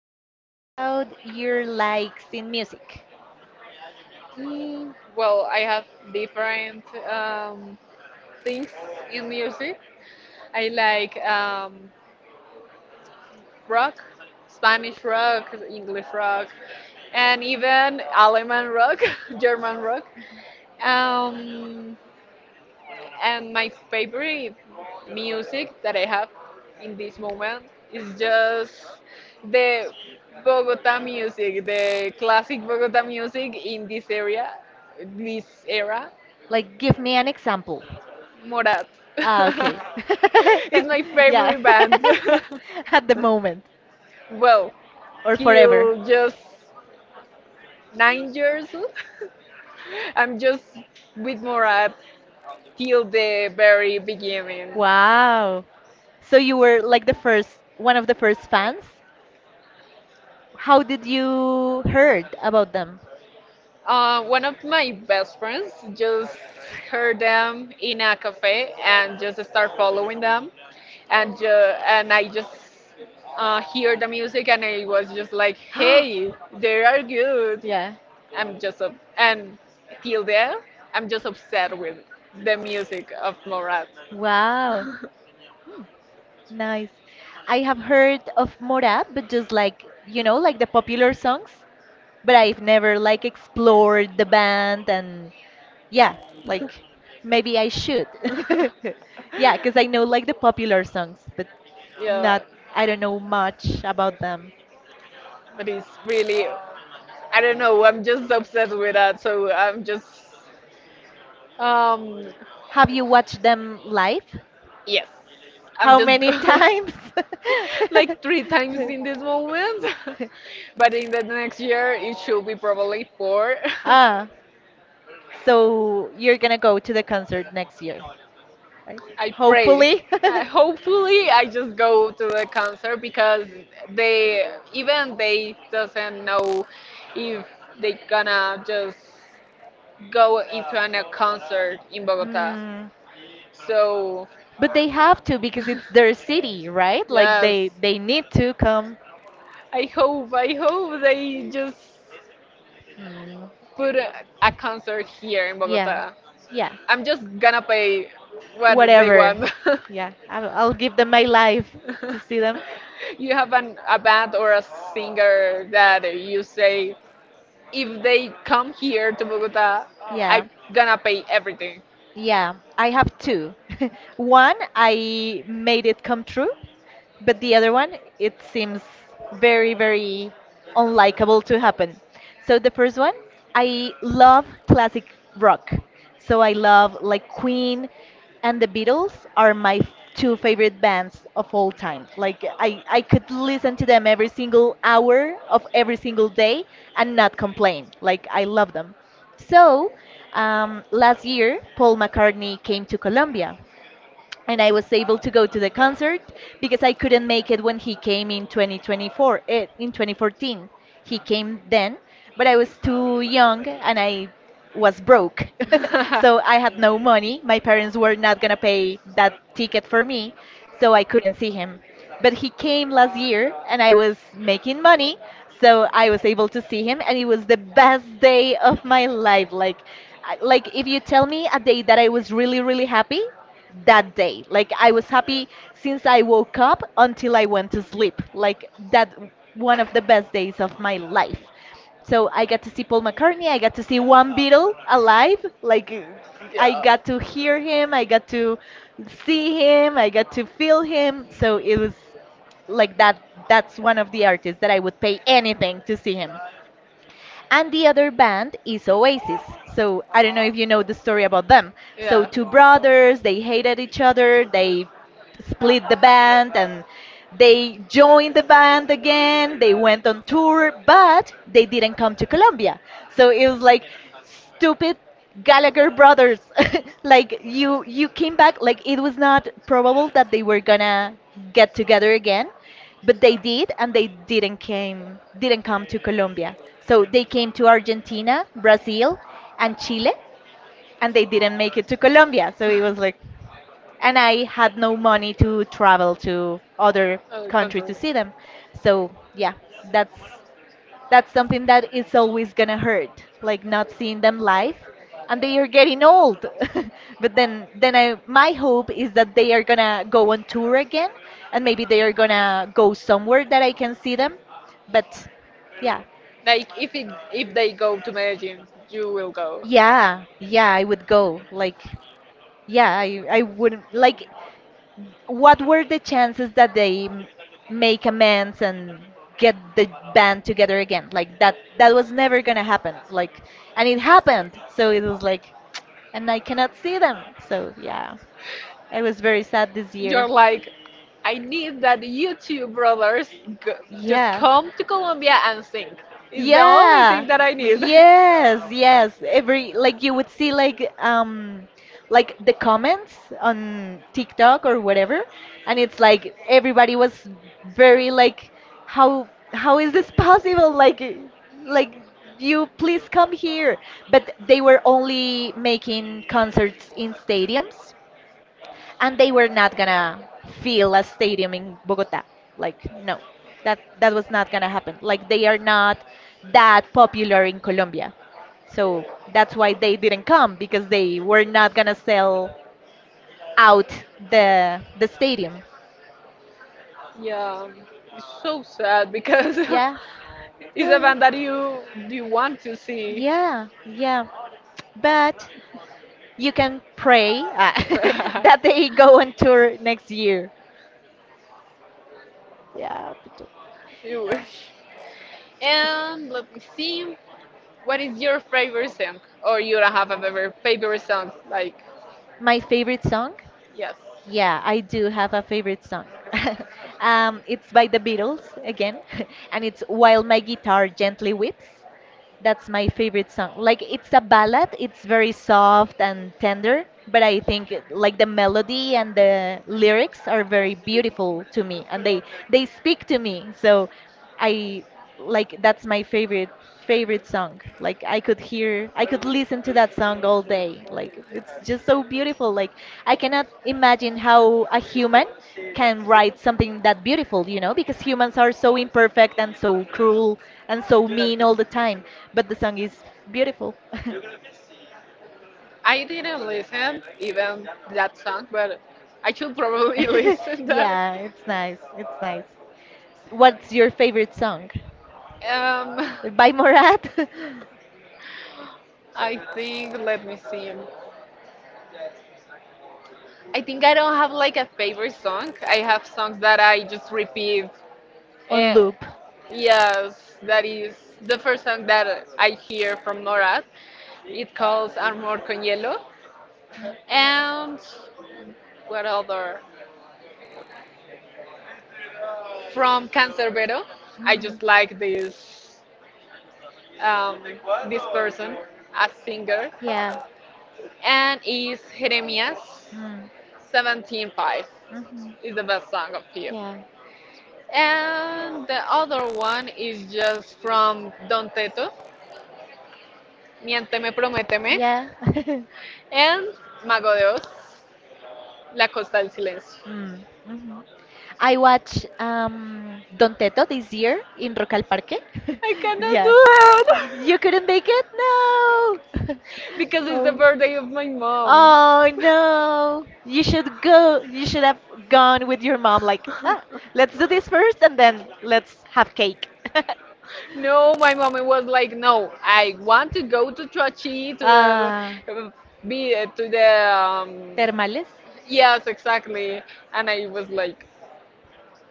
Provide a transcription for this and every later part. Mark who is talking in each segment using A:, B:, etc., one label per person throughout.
A: me about your likes in music.
B: Well, I have different um, things in music. I like rock, Spanish rock, English rock, and even German rock, German rock. Um, and my favorite music that I have in this moment is just the Bogota music, the classic Bogota music in this area, this era.
A: Like, give me an example.
B: Morat
A: Ah, okay.
B: is my
A: Yeah.
B: favorite band.
A: At the moment
B: well,
A: or forever.
B: till just 9 years, old, I'm just with Morat till the very beginning.
A: Wow. So you were like the first, one of the first fans? How did you heard about them?
B: One of my best friends just heard them in a cafe and just start following them, and I just hear the music and I was just like, hey, they are good.
A: Yeah.
B: And till there, I'm just obsessed with the music of Morat.
A: Wow. Nice. I have heard of Morat, but just like, like the popular songs, but I've never like explored the band and yeah, like maybe I should. Yeah, because I know like the popular songs, but
B: Yeah,
A: not, I don't know much about them.
B: but it's really, I don't know. I'm just obsessed with that, so I'm just, um,
A: Have you watched them live?
B: yes, I'm
A: How
B: just
A: many times?
B: like three times in this moment, but in the next year it should be probably four.
A: Ah, so you're gonna go to the concert next year, right?
B: I pray.
A: Hopefully.
B: Hopefully, I just go to the concert because they even they doesn't know if they gonna just go into a concert in Bogota.
A: Mm,
B: So
A: but they have to because it's their city, right? Like
B: yes,
A: they need to come.
B: I hope they just
A: Mm,
B: put a concert here in
A: yeah,
B: Bogota.
A: yeah,
B: I'm just gonna pay what they
A: whatever.
B: want.
A: Yeah, I'll give them my life to see them.
B: You have a band or a singer that you say, if they come here to Bogota,
A: Yeah.
B: I'm gonna pay everything.
A: Yeah, I have two. One, I made it come true, but the other one, it seems very, very unlikable to happen. So the first one, I love classic rock. So I love like Queen and the Beatles are my f- two favorite bands of all time. Like I could listen to them every single hour of every single day and not complain. Like I love them. So last year, Paul McCartney came to Colombia and I was able to go to the concert because I couldn't make it when he came in 2024, in 2014. He came then, but I was too young and I was broke.
B: so
A: So I had no money. My parents were not going to pay that ticket for me, so I couldn't see him. But he came last year and I was making money, so I was able to see him and it was the best day of my life. Like I- like if you tell me a day that I was really really happy, that day. Like I was happy since I woke up until I went to sleep. Like that one of the best days of my life. So I got to see Paul McCartney, I got to see one Beatle alive. Like I got to hear him, I got to see him, I got to feel him. So it was like that that's one of the artists that I would pay anything to see him and the other band is Oasis. So I don't know if you know the story about them. So two
B: Were
A: brothers, they hated each other, they split the band and they joined the band again. They went on tour, but they didn't come to Colombia. So it was like stupid Gallagher brothers. Like you came back like it was not probable that they were gonna get together again, but they did and they didn't came didn't come to Colombia. So they came to Argentina, Brazil, and Chile and they didn't make it to Colombia. So it was like and I had no money to travel to other countries to see them. So yeah, that's that's something that is always gonna hurt, like not seeing them live, and they are getting old. But then I my hope is that they are gonna go on tour again, and maybe they are gonna go somewhere that I can see them. But yeah,
B: like if they go to Medellin, you will go.
A: yeah, yeah, I would go. Like yeah, I wouldn't like what were the chances that they m- make amends and get the band together again like that was never gonna happen like and it happened so it was like and I cannot see them, so yeah, I was very sad this year.
B: You're like, I need that you two brothers just
A: Yeah
B: come to Colombia and sing. It's the only
A: Yeah.
B: thing that I need.
A: Yes, yes. Every like you would see like the comments on TikTok or whatever, and it's like everybody was very like how is this possible? Like you please come here. But they were only making concerts in stadiums and they were not gonna fill a stadium in Bogota. Like no, that was not gonna happen. Like they are not that popular in Colombia, so that's why they didn't come because they were not gonna sell out the stadium.
B: Yeah, it's so sad because
A: Yeah,
B: it's a
A: yeah,
B: band that you want to see.
A: yeah. Yeah. But you can pray that they go on tour next year. Yeah. But-
B: You wish. And let me see, what is your favorite song? Or you don't have a favorite favorite song? Like,
A: My favorite song?
B: yes.
A: Yeah, I do have a favorite song. It's by the Beatles again, and it's While My Guitar Gently Weeps. That's my favorite song. Like it's a ballad, it's very soft and tender, but I think it- like the melody and the lyrics are very beautiful to me and they speak to me. So I like that's my favorite song. Like I could hear I could listen to that song all day. Like it's just so beautiful. Like I cannot imagine how a human can write something that beautiful, because humans are so imperfect and so cruel and so mean all the time. But the song is beautiful.
B: I didn't listen even that song, but I should probably listen that.
A: Yeah, it's nice. It's nice. What's your favorite song?
B: Um,
A: By Morat.
B: I think. Let me see. I think I don't have like a favorite song. I have songs that I just repeat.
A: On
B: Eh,
A: loop.
B: yes, that is the first song that I hear from Norad. It calls Amor con Hielo. And what other? From Cancerbero. I
A: Mm.
B: just like um, this person, a singer,
A: Yeah.
B: and is Jeremias
A: Mm,
B: 17.5
A: mhm.
B: is the best song of him.
A: Yeah.
B: And the other one is just from Don Teto, Miénteme, Prométeme,
A: Yeah.
B: and Mago de Oz, La Costa del Silencio.
A: Mm, mhm. I watched Don Teto this year in Rock al Parque.
B: I cannot
A: Yeah. You
B: do it
A: couldn't make it? No!
B: because it's the
A: Oh.
B: birthday of my mom.
A: Oh
B: Oh
A: no! You should go. You should have
B: no.
A: gone with your mom. Like, ah, let's do this first, and then let's have cake.
B: No, my mom was like, no, I want to go to Trochi to the
A: Ah,
B: uh, be to the
A: termales.
B: yes, exactly. And I was like,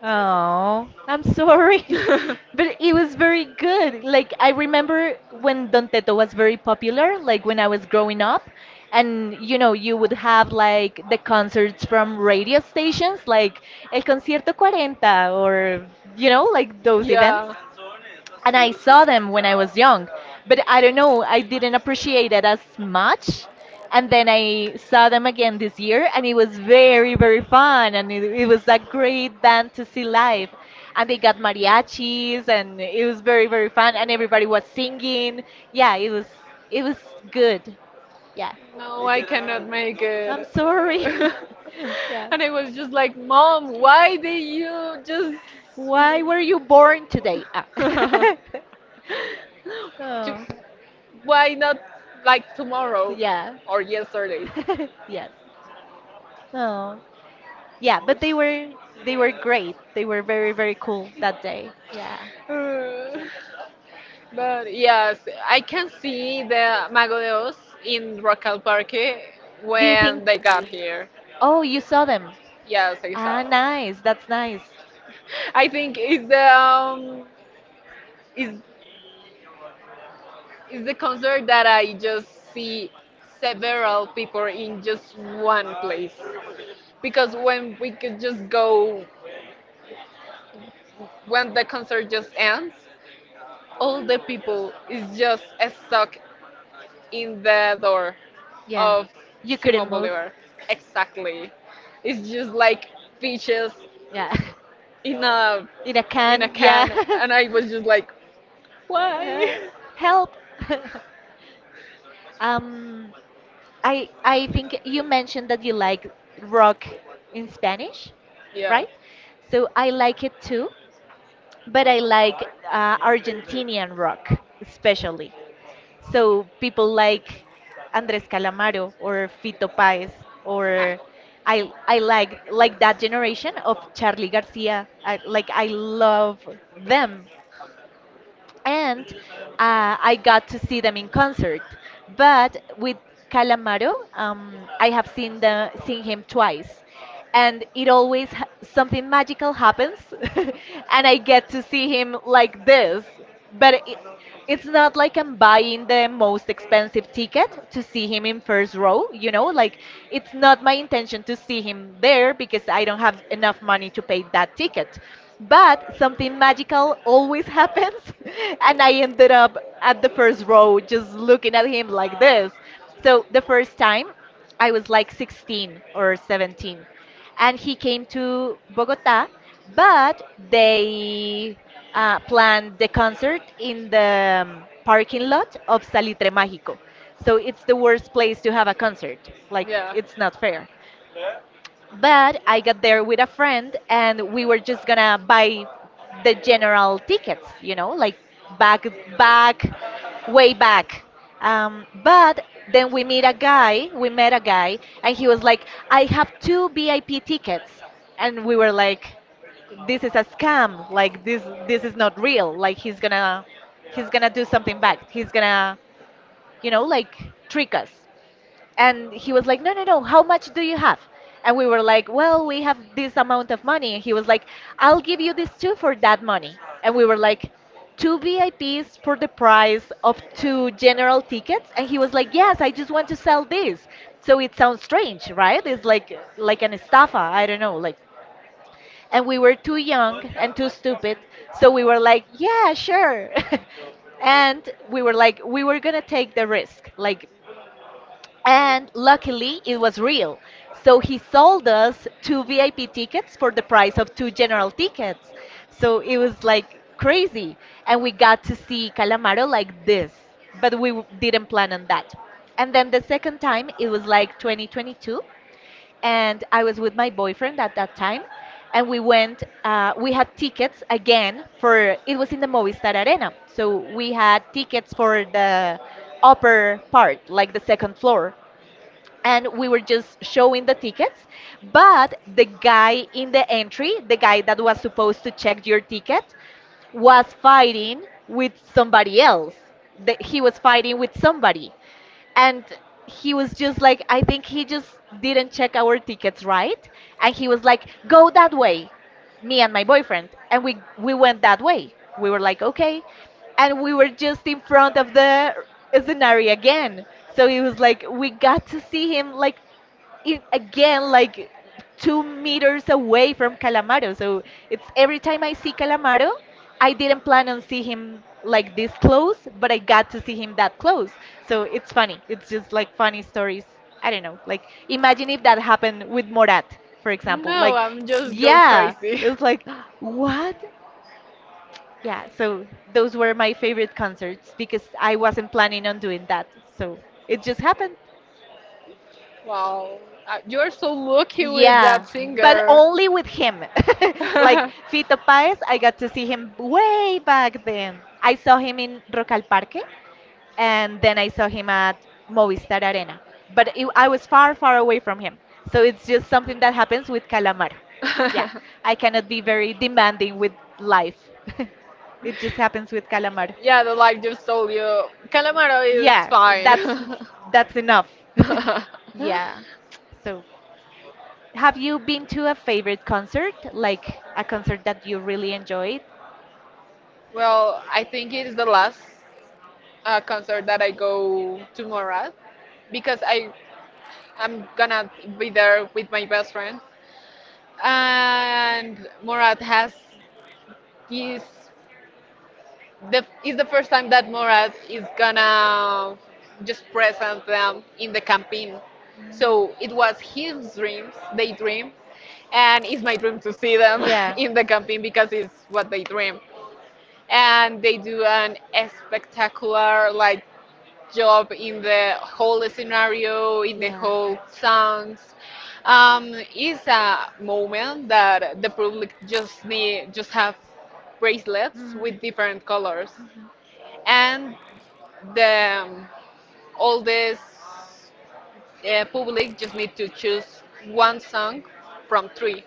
A: Oh, I'm sorry. But it was very good. Like I remember when Don Teto was very popular, like when I was growing up, and you would have like the concerts from radio stations, like El Concierto Cuarenta, or like those events
B: yeah,
A: and I saw them when I was young, but I don't know, I didn't appreciate it as much. And then I saw them again this year, and it was very, very fun. And it was a great band to see live. And they got mariachis, and it was very, very fun. And everybody was singing. Yeah, it was good. Yeah.
B: no, I cannot make it.
A: I'm sorry. Yeah.
B: and I was just like, mom, why did you
A: Why were you born today? Ah.
B: just? Ju-
A: Oh.
B: Why not like tomorrow
A: Yeah.
B: or yesterday?
A: Yes. Oh. Yeah, but they were great. They were very very cool that day. Yeah.
B: Uh, but yes, I can see the Mago de Oz in Rocal Parque
A: Do you
B: when
A: think
B: they got here.
A: Oh, you saw them.
B: Yes, I
A: Ah,
B: saw.
A: nice. That's nice.
B: I think it's the is is the concert that I just see several people in just one place. Because when we could just go when the concert just ends, all the people is just stuck in the door
A: Yeah.
B: of
A: You
B: Simon
A: couldn't move.
B: Bolivar. Exactly. It's just like fishes
A: Yeah.
B: in a
A: In a
B: in a
A: can. Yeah.
B: can and I was just like
A: Uh,
B: why?
A: help. um, I think you mentioned that you like rock in Spanish,
B: yeah.
A: right? So I like it too, but I like Argentinian rock especially. So people like Andrés Calamaro or Fito Páez
B: I-
A: or I like that generation of Charlie Garcia. I, like I love them and I got to see them in concert. But with Calamaro, I have seen the seen him twice, and it always ha- something magical happens, and I get to see him like this. But it's not like I'm buying the most expensive ticket to see him in first row, you know? Like, it's not my intention to see him there because I don't have enough money to pay that ticket. But something magical always happens, and I ended up at the first row just looking at him like this. So, the first time, I was like 16 or 17 and he came to Bogota, but they planned the concert in the parking lot of Salitre Mágico. So it's the worst place to have a concert. Like,
B: Yeah.
A: it's not fair. But I got there with a friend and we were just gonna buy the general tickets, like back, back, way back. But then we met a guy, and he was like, I have two VIP tickets. And we were like, this is a scam. Like this is not real. Like he's gonna do something back. Like trick us and he was like no no no how much do you have and we were like well we have this amount of money and he was like I'll give you this two for that money and we were like two vips for the price of two general tickets and he was like yes I just want to sell this so it sounds strange right it's like an estafa I don't know like and we were too young and too stupid so we were like yeah sure and we were like we were gonna take the risk like and luckily, it was real. So he sold us two VIP tickets for the price of two general tickets. So it was like crazy. And we got to see Calamaro like this, but we w- didn't plan on that. And then the second time, it was like 2022. And I was with my boyfriend at that time. And we went, we had tickets again for, it was in the Movistar Arena. So we had tickets for the upper part, like the second floor, and we were just showing the tickets, but the guy in the entry, the guy that was supposed to check your ticket, was fighting with somebody else, that he was fighting with somebody. And he was just like, I think he just didn't check our tickets right, and he was like, go that way, me and my boyfriend. And we went that way. We were like, okay. And we were just in front of the scenario again. So it was like we got to see him like it, again, like 2 meters away from Calamaro. So it's every time I see Calamaro, I didn't plan on see him like this close, but I got to see him that close. So it's funny. It's just like funny stories. I don't know. Like imagine if that happened with Morat, for example.
B: No,
A: Like
B: I'm just go
A: yeah,
B: crazy.
A: it was like what? Yeah, so those were my favorite concerts because I wasn't planning on doing that. So it just happened.
B: Wow, you are so lucky with
A: Yeah,
B: that
A: but
B: singer.
A: only with him. Like Fito Páez, I got to see him way back then. I saw him in Rock al Parque, and then I saw him at Movistar Arena. But it, I was far, far away from him. So it's just something that happens with Calamaro. Yeah, I cannot be very demanding with life. It just happens with Calamaro.
B: Yeah, the life just told you. Calamaro is
A: Yeah, that's
B: fine.
A: that's enough. Yeah. So have you been to a favorite concert, like a concert that you really enjoyed?
B: Well, I think it is the last concert that I go to Morat because I'm gonna be there with my best friend, and Morat has this the it's the first time that Morat is gonna just present them in the campaign.
A: Mm.
B: So it was his dreams, they dream, and it's my dream to see them
A: Yeah.
B: in the campaign because it's what they dream. And they do an spectacular like job in the whole scenario, in the
A: Yeah.
B: whole songs. It's a moment that the public just need just have bracelets
A: Mm.
B: with different colors
A: Mhm.
B: and the all this public just need to choose one song from three.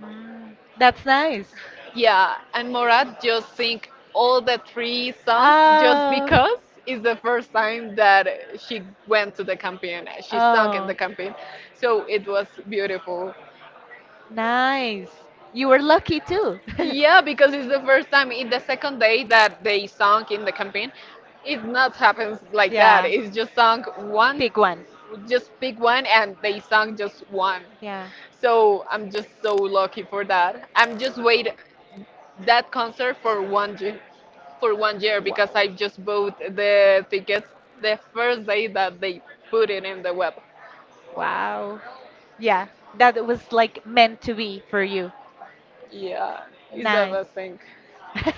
A: Mm. That's nice.
B: Yeah, and Morad just sing all the three songs just
A: Oh,
B: because it's the first time that she went to the campaign. She sang in
A: oh,
B: the campaign, so it was beautiful.
A: nice. You were lucky too.
B: Yeah, because it's the second day that they sung in the campaign. It not happens like that.
A: Yeah.
B: It's just sung one,
A: Pick one.
B: just pick one, and they sung just one.
A: Yeah.
B: So I'm just so lucky for that. I'm just wait that concert for one year because I just bought the tickets the first day that they put it in the web.
A: Wow. Yeah. That was like meant to be for you.
B: Yeah, it's the
A: Nice.
B: best thing.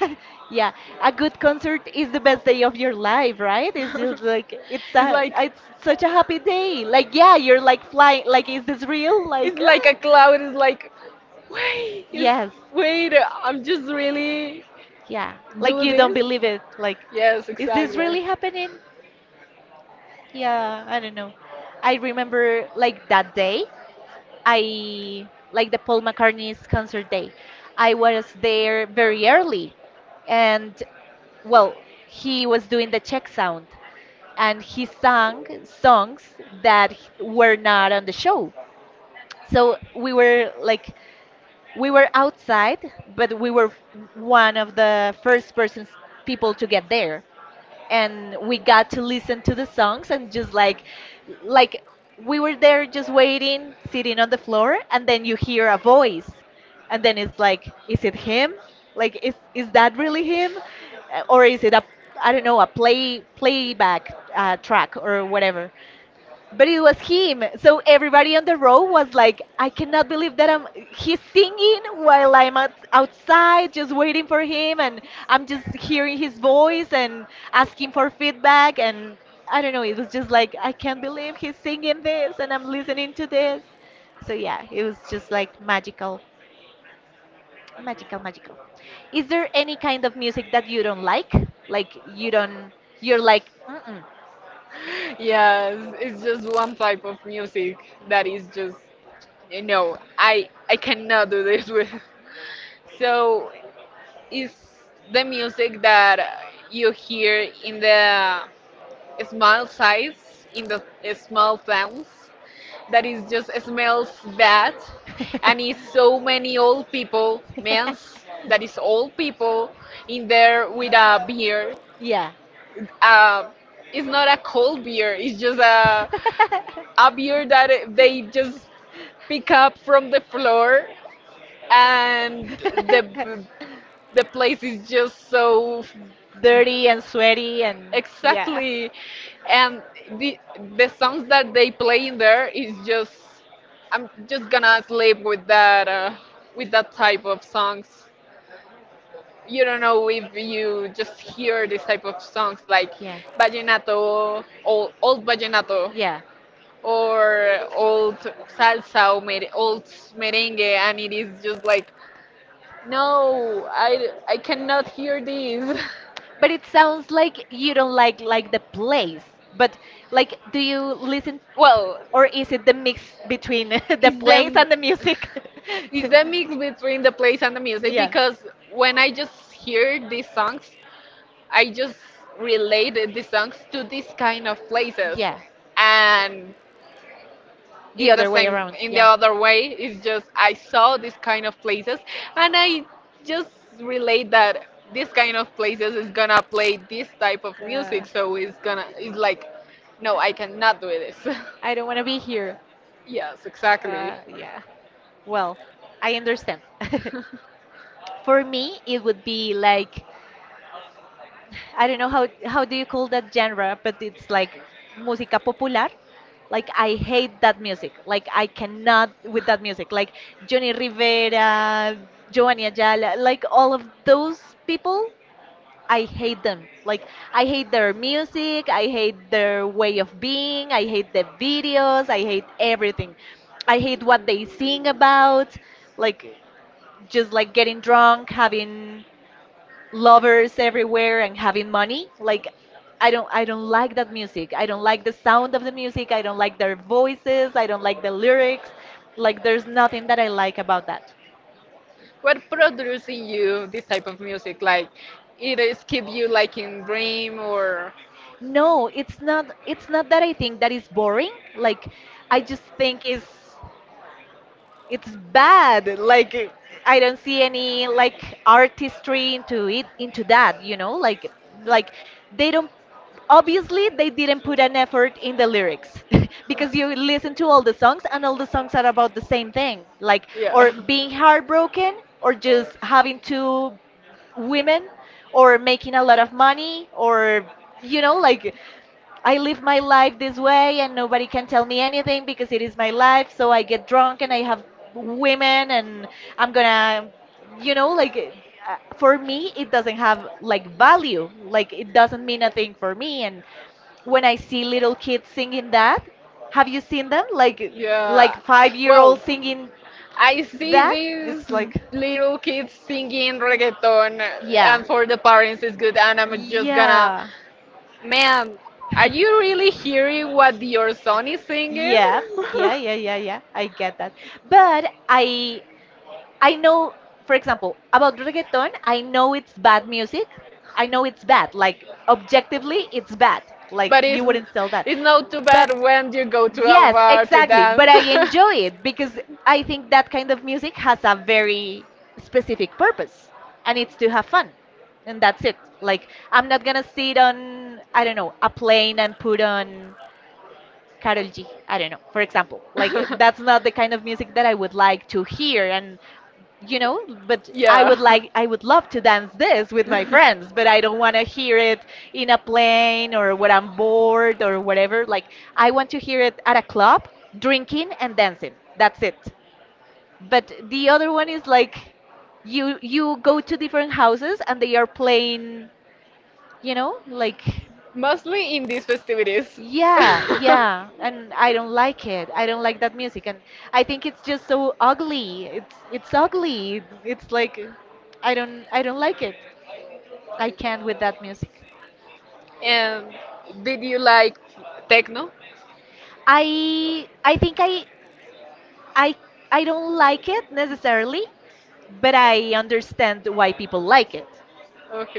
A: Yeah, a good concert is the best day of your life, right? It's just like it's
B: it's
A: a
B: like
A: it's such a happy day. Like yeah, you're like flying. Like is this real?
B: It's
A: Like
B: like a cloud. It's like, wait, it's,
A: yes,
B: wait, I'm just really
A: yeah. Like
B: do
A: you don't
B: this.
A: believe it. Like
B: Yes,
A: is this
B: exactly.
A: really happening? Yeah, I don't know. I remember like that day, I like the Paul McCartney's concert day. I was there very early, and well, he was doing the check sound, and he sang songs that were not on the show. So we were like we were outside, but we were one of the first persons, people to get there, and we got to listen to the songs and just like we were there just waiting, sitting on the floor, and then you hear a voice, and then it's like, is it him? Like, is that really him, or is it a, I don't know, a playback track or whatever? But it was him. So everybody on the road was like, I cannot believe that I'm he's singing while I'm out, outside just waiting for him, and I'm just hearing his voice and asking for feedback and I don't know, it was just like I can't believe he's singing this and I'm listening to this. So yeah, it was just like magical, magical, magical. Is there any kind of music that you don't like? Like you don't, you're like, mm-mm.
B: Yes, it's just one type of music that is just, I cannot do this with. So, it's the music that you hear in the small size in the small towns that is just smells bad and it's so many old people men's that is old people in there with a beer.
A: yeah.
B: uh, it's not a cold beer, it's just a, a beer that they just pick up from the floor and the the place is just so
A: Dirty and sweaty and yeah.
B: exactly. And the the songs that they play in there is just I'm just gonna sleep with that type of songs. You don't know if you just hear this type of songs like
A: Yeah.
B: vallenato old, old vallenato
A: Yeah.
B: or old salsa or old merengue and it is just like no, I cannot hear these.
A: But it sounds like you don't like the place. But like do you listen,
B: Well,
A: or is it the mix between the
B: It's
A: place and the
B: the
A: music?
B: it's the mix between the place and the music
A: Yeah.
B: because when I just hear these songs, I just related the songs to these kind of places,
A: Yeah.
B: and
A: The other way around.
B: in the
A: Yeah.
B: other way, it's just I saw these kind of places, and I just relate that this kind of places is gonna play this type of music,
A: Yeah.
B: so it's like, no, I cannot do this.
A: I don't want to be here.
B: yes, exactly.
A: Yeah. Well, I understand. For me, it would be like, I don't know how do you call that genre, but it's like música popular. Like I hate that music. Like I cannot with that music. Like Johnny Rivera, Giovanni Ayala, like all of those people, I hate them. Like I hate their music, I hate their way of being, I hate the videos, I hate everything. I hate what they sing about, like just like getting drunk, having lovers everywhere and having money. Like I don't like that music, I don't like the sound of the music, I don't like their voices, I don't like the lyrics. Like there's nothing that I like about that.
B: What producing you this type of music? Like, it is keep you like in dream or?
A: No, it's not, it's not that I think that is boring. Like I just think is, it's bad. Like I don't see any like artistry into it, into that, you know? Like they don't, obviously they didn't put an effort in the lyrics, because you listen to all the songs and all the songs are about the same thing, like
B: Yeah.
A: or being heartbroken or just having two women or making a lot of money, or you know, like I live my life this way and nobody can tell me anything because it is my life. So I get drunk and I have women and I'm gonna, you know, like for me, it doesn't have like value. Like it doesn't mean a thing for me. And when I see little kids singing that, have you seen them?
B: Yeah.
A: Like 5 year old
B: Well,
A: singing
B: I see
A: that?
B: these
A: It's like,
B: little kids singing reggaeton,
A: yeah,
B: and for the parents it's good, and I'm just gonna.
A: yeah.
B: Man, are you really hearing what your son is singing?
A: Yeah, yeah, yeah, yeah, yeah. I get that. But I know, for example, about reggaeton, I know it's bad music. I know it's bad. Like objectively, it's bad. Like
B: but it's
A: you wouldn't sell that.
B: it's not too bad
A: But
B: when you go to a
A: yes,
B: bar to
A: exactly.
B: dance.
A: But I enjoy it because I think that kind of music has a very specific purpose, and it's to have fun. And that's it. Like I'm not gonna sit on, I don't know, a plane and put on Carol G. I don't know, for example. Like that's not the kind of music that I would like to hear, and you know, but I would
B: yeah.
A: like, I would love to dance this with my friends, but I don't want to hear it in a plane or when I'm bored or whatever. Like I want to hear it at a club, drinking and dancing. That's it. But the other one is like you go to different houses and they are playing, you know, like
B: Mostly in these festivities.
A: yeah, yeah, and I don't like it. I don't like that music, and I think it's just so ugly. It's ugly. It's like I don't like it. I can't with that music.
B: And did you like techno?
A: I I think I I I don't like it necessarily, but I understand why people like it,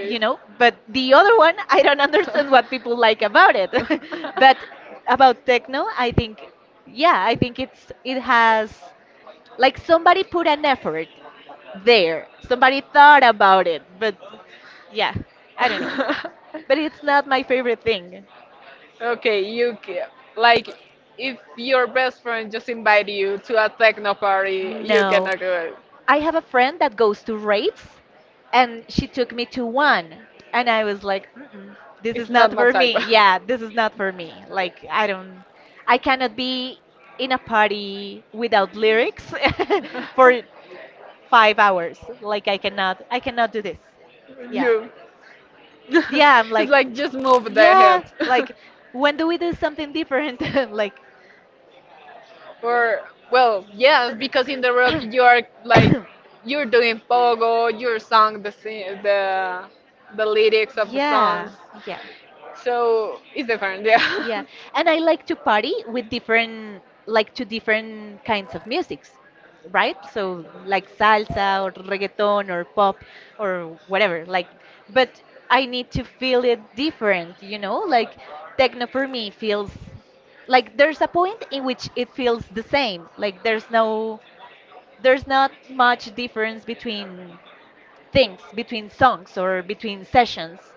A: you know? But the other one, I don't understand what people like about it. But about techno, I think yeah, I think it's, it has like somebody put an effort there. Somebody thought about it, but yeah, I don't know. But it's not my favorite thing.
B: Okay, like if your best friend just invite you to a techno party, you
A: No.
B: cannot go.
A: I have a friend that goes to raves, and she took me to one, and I was like, mm-mm, "This
B: It's
A: is not
B: not my
A: for
B: type.
A: me." Yeah, this is not for me. Like, I don't, I cannot be in a party without lyrics for 5 hours. Like I cannot do this. Yeah,
B: you
A: yeah. I'm
B: it's
A: like,
B: like just move the
A: yeah.
B: head.
A: Like, when do we do something different? Like,
B: or well yes because in the rock you are like you're doing pogo, you're sung the lyrics of the
A: yeah,
B: songs,
A: yeah,
B: so it's different. Yeah.
A: yeah, and I like to party with different, like to different kinds of musics, right? So like salsa or reggaeton or pop or whatever. Like, but I need to feel it different, you know? Like techno for me feels like there's a point in which it feels the same. Like there's no, there's not much difference between things, between songs or between sessions.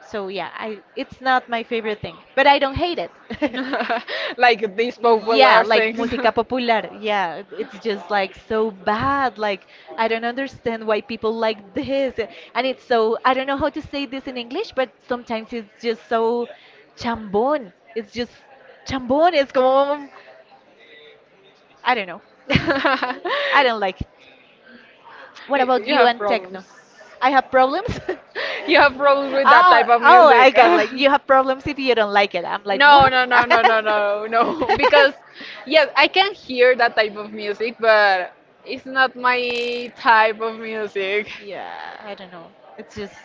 A: So yeah, I, it's not my favorite thing, but I don't hate it.
B: like these
A: Yeah,
B: popular
A: like
B: things.
A: música popular. Yeah, it's just like so bad. Like I don't understand why people like this. And it's so, I don't know how to say this in English, but sometimes it's just so chambón. It's just chambón. It's como, I don't know. I don't like it. What about
B: you
A: you and techno? I have problems.
B: you have that type. Problems. You have problems with that
A: Oh,
B: type of
A: oh, I got like you
B: music.
A: have problems if you don't like it. I'm like
B: No,
A: what?
B: no, no, no, no, no, no. Because, yes, I can hear that type of music, but it's not my type of music.
A: Yeah, I don't know. It's just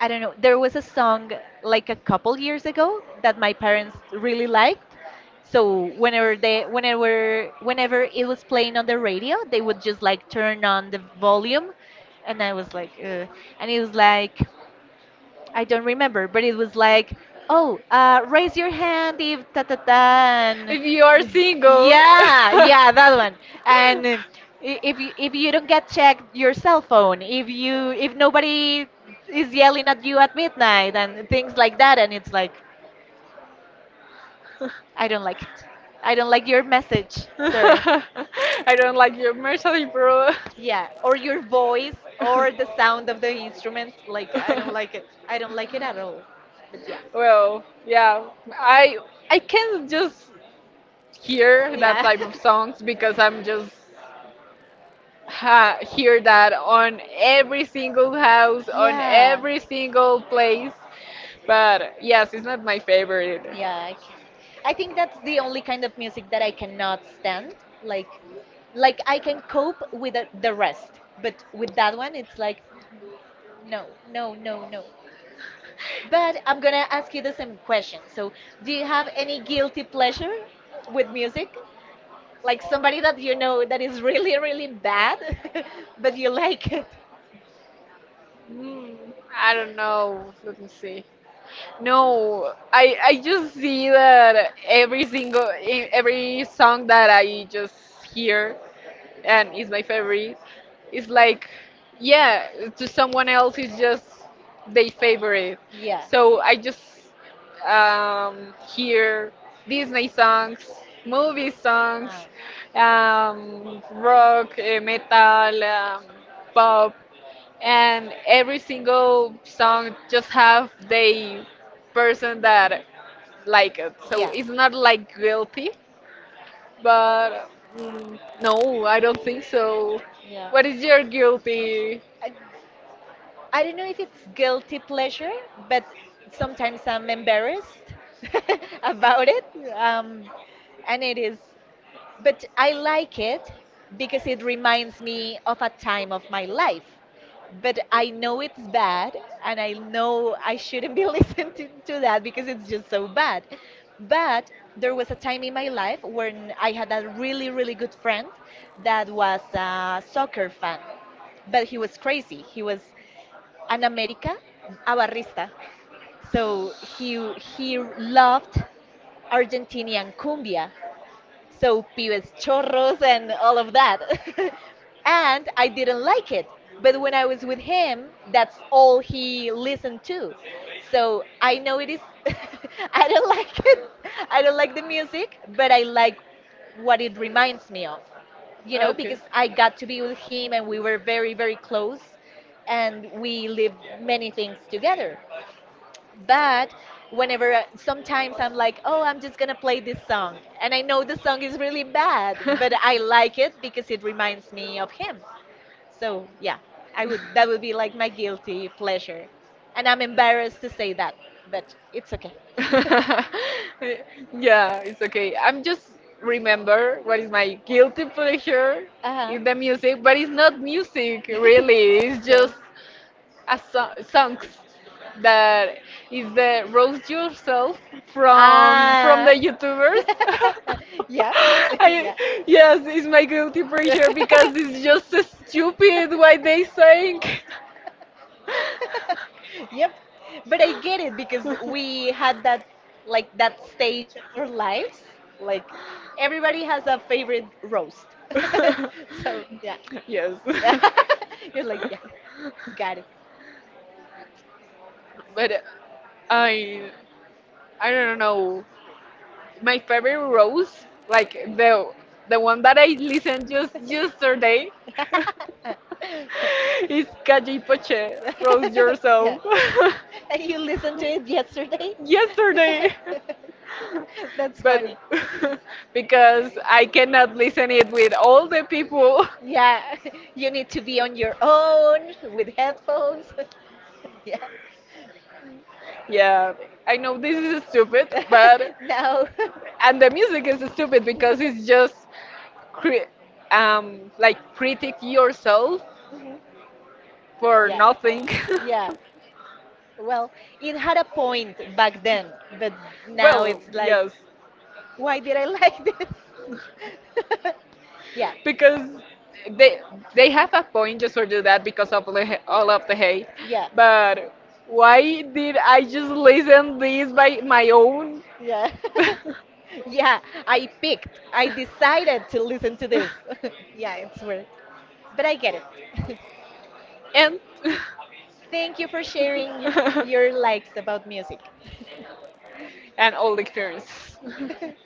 A: I don't know. There was a song like a couple years ago that my parents really liked. So whenever they, whenever it was playing on the radio, they would just like turn on the volume, and I was like and it was like I don't remember, but it was like, oh, raise your hand if ta ta ta, and-
B: If you are single,
A: yeah, yeah, that one. And if you don't get checked your cell phone, if you, if nobody is yelling at you at midnight and things like that, and it's like,
B: and
A: I don't like it. I don't like your message, sir.
B: I don't like your mercy, bro.
A: Yeah, or your voice or the sound of the instruments. Like, I don't like it. I don't like it at all. But yeah,
B: Well, yeah, I I can just hear that
A: yeah.
B: type of songs because I'm just ha hear that on every single house, on
A: Yeah.
B: every single place. But yes, it's not my favorite.
A: Yeah, I can. I think that's the only kind of music that I cannot stand. Like, like I can cope with the rest, but with that one, it's like, no, no, no, no. But I'm gonna ask you the same question. So, do you have any guilty pleasure with music? Like somebody that you know that is really, really bad, but you like it?
B: Hmm. I don't know. Let me see. No, I just see that every song that I just hear and is my favorite is like, yeah, to someone else it's just their favorite.
A: Yeah.
B: So I just hear Disney songs, movie
A: Ah.
B: songs, rock, metal, pop and every single song just have the person that like it, so
A: Yeah.
B: it's not like guilty, but no, I don't think so.
A: Yeah.
B: What is your guilty?
A: I, I don't know if it's guilty pleasure, but sometimes I'm embarrassed about it. Um, and it is, but I like it because it reminds me of a time of my life. But I know it's bad and I know I shouldn't be listening to that because it's just so bad. But there was a time in my life when I had a really, really good friend that was a soccer fan. But he was crazy. He was an America, a barrista. So he loved Argentinian cumbia, so pibes chorros and all of that. And I didn't like it. But when I was with him, that's all he listened to. So I know it is. I don't like it. I don't like the music, but I like what it reminds me of. You know,
B: Okay.
A: because I got to be with him and we were very, very close and we lived many things together, but whenever sometimes I'm like, oh, I'm just gonna play this song and I know the song is really bad, but I like it because it reminds me of him. So yeah, I would, that would be like my guilty pleasure, and I'm embarrassed to say that, but it's okay.
B: Yeah, it's okay. I'm just remember what is my guilty pleasure
A: Uh-huh.
B: in the music, but it's not music really. It's just
A: So
B: songs that is the roast yourself from
A: ah
B: the YouTubers.
A: yeah
B: I, yes, it's my guilty pleasure because it's just so stupid what they
A: yeah
B: saying.
A: yep. But I get it because we had that, like that stage of our lives. Like everybody has a favorite roast. So yeah.
B: yes.
A: You're like, yeah, got it.
B: but I I don't know. My favorite rose, like the one that I listened just yesterday, is Calle Poche. Rose
A: yeah.
B: yourself.
A: And you listened to it yesterday?
B: yesterday.
A: That's
B: But
A: funny.
B: because I cannot listen it with all the people.
A: Yeah, you need to be on your own with headphones. Yeah.
B: Yeah, I know this is stupid, but
A: No.
B: and the music is stupid because it's just cri- like critic yourself
A: Mhm.
B: for
A: Yeah.
B: nothing.
A: Yeah. Well, it had a point back then, but now
B: well,
A: it's like,
B: yes,
A: why did I like this? Yeah.
B: because they they have a point just for do that because of all of the hate.
A: Yeah.
B: But why did I just listen this by my own?
A: Yeah. Yeah, I picked. I decided to listen to this. Yeah, it's weird. But I get it.
B: and
A: Thank you for sharing your likes about music.
B: and all the experience.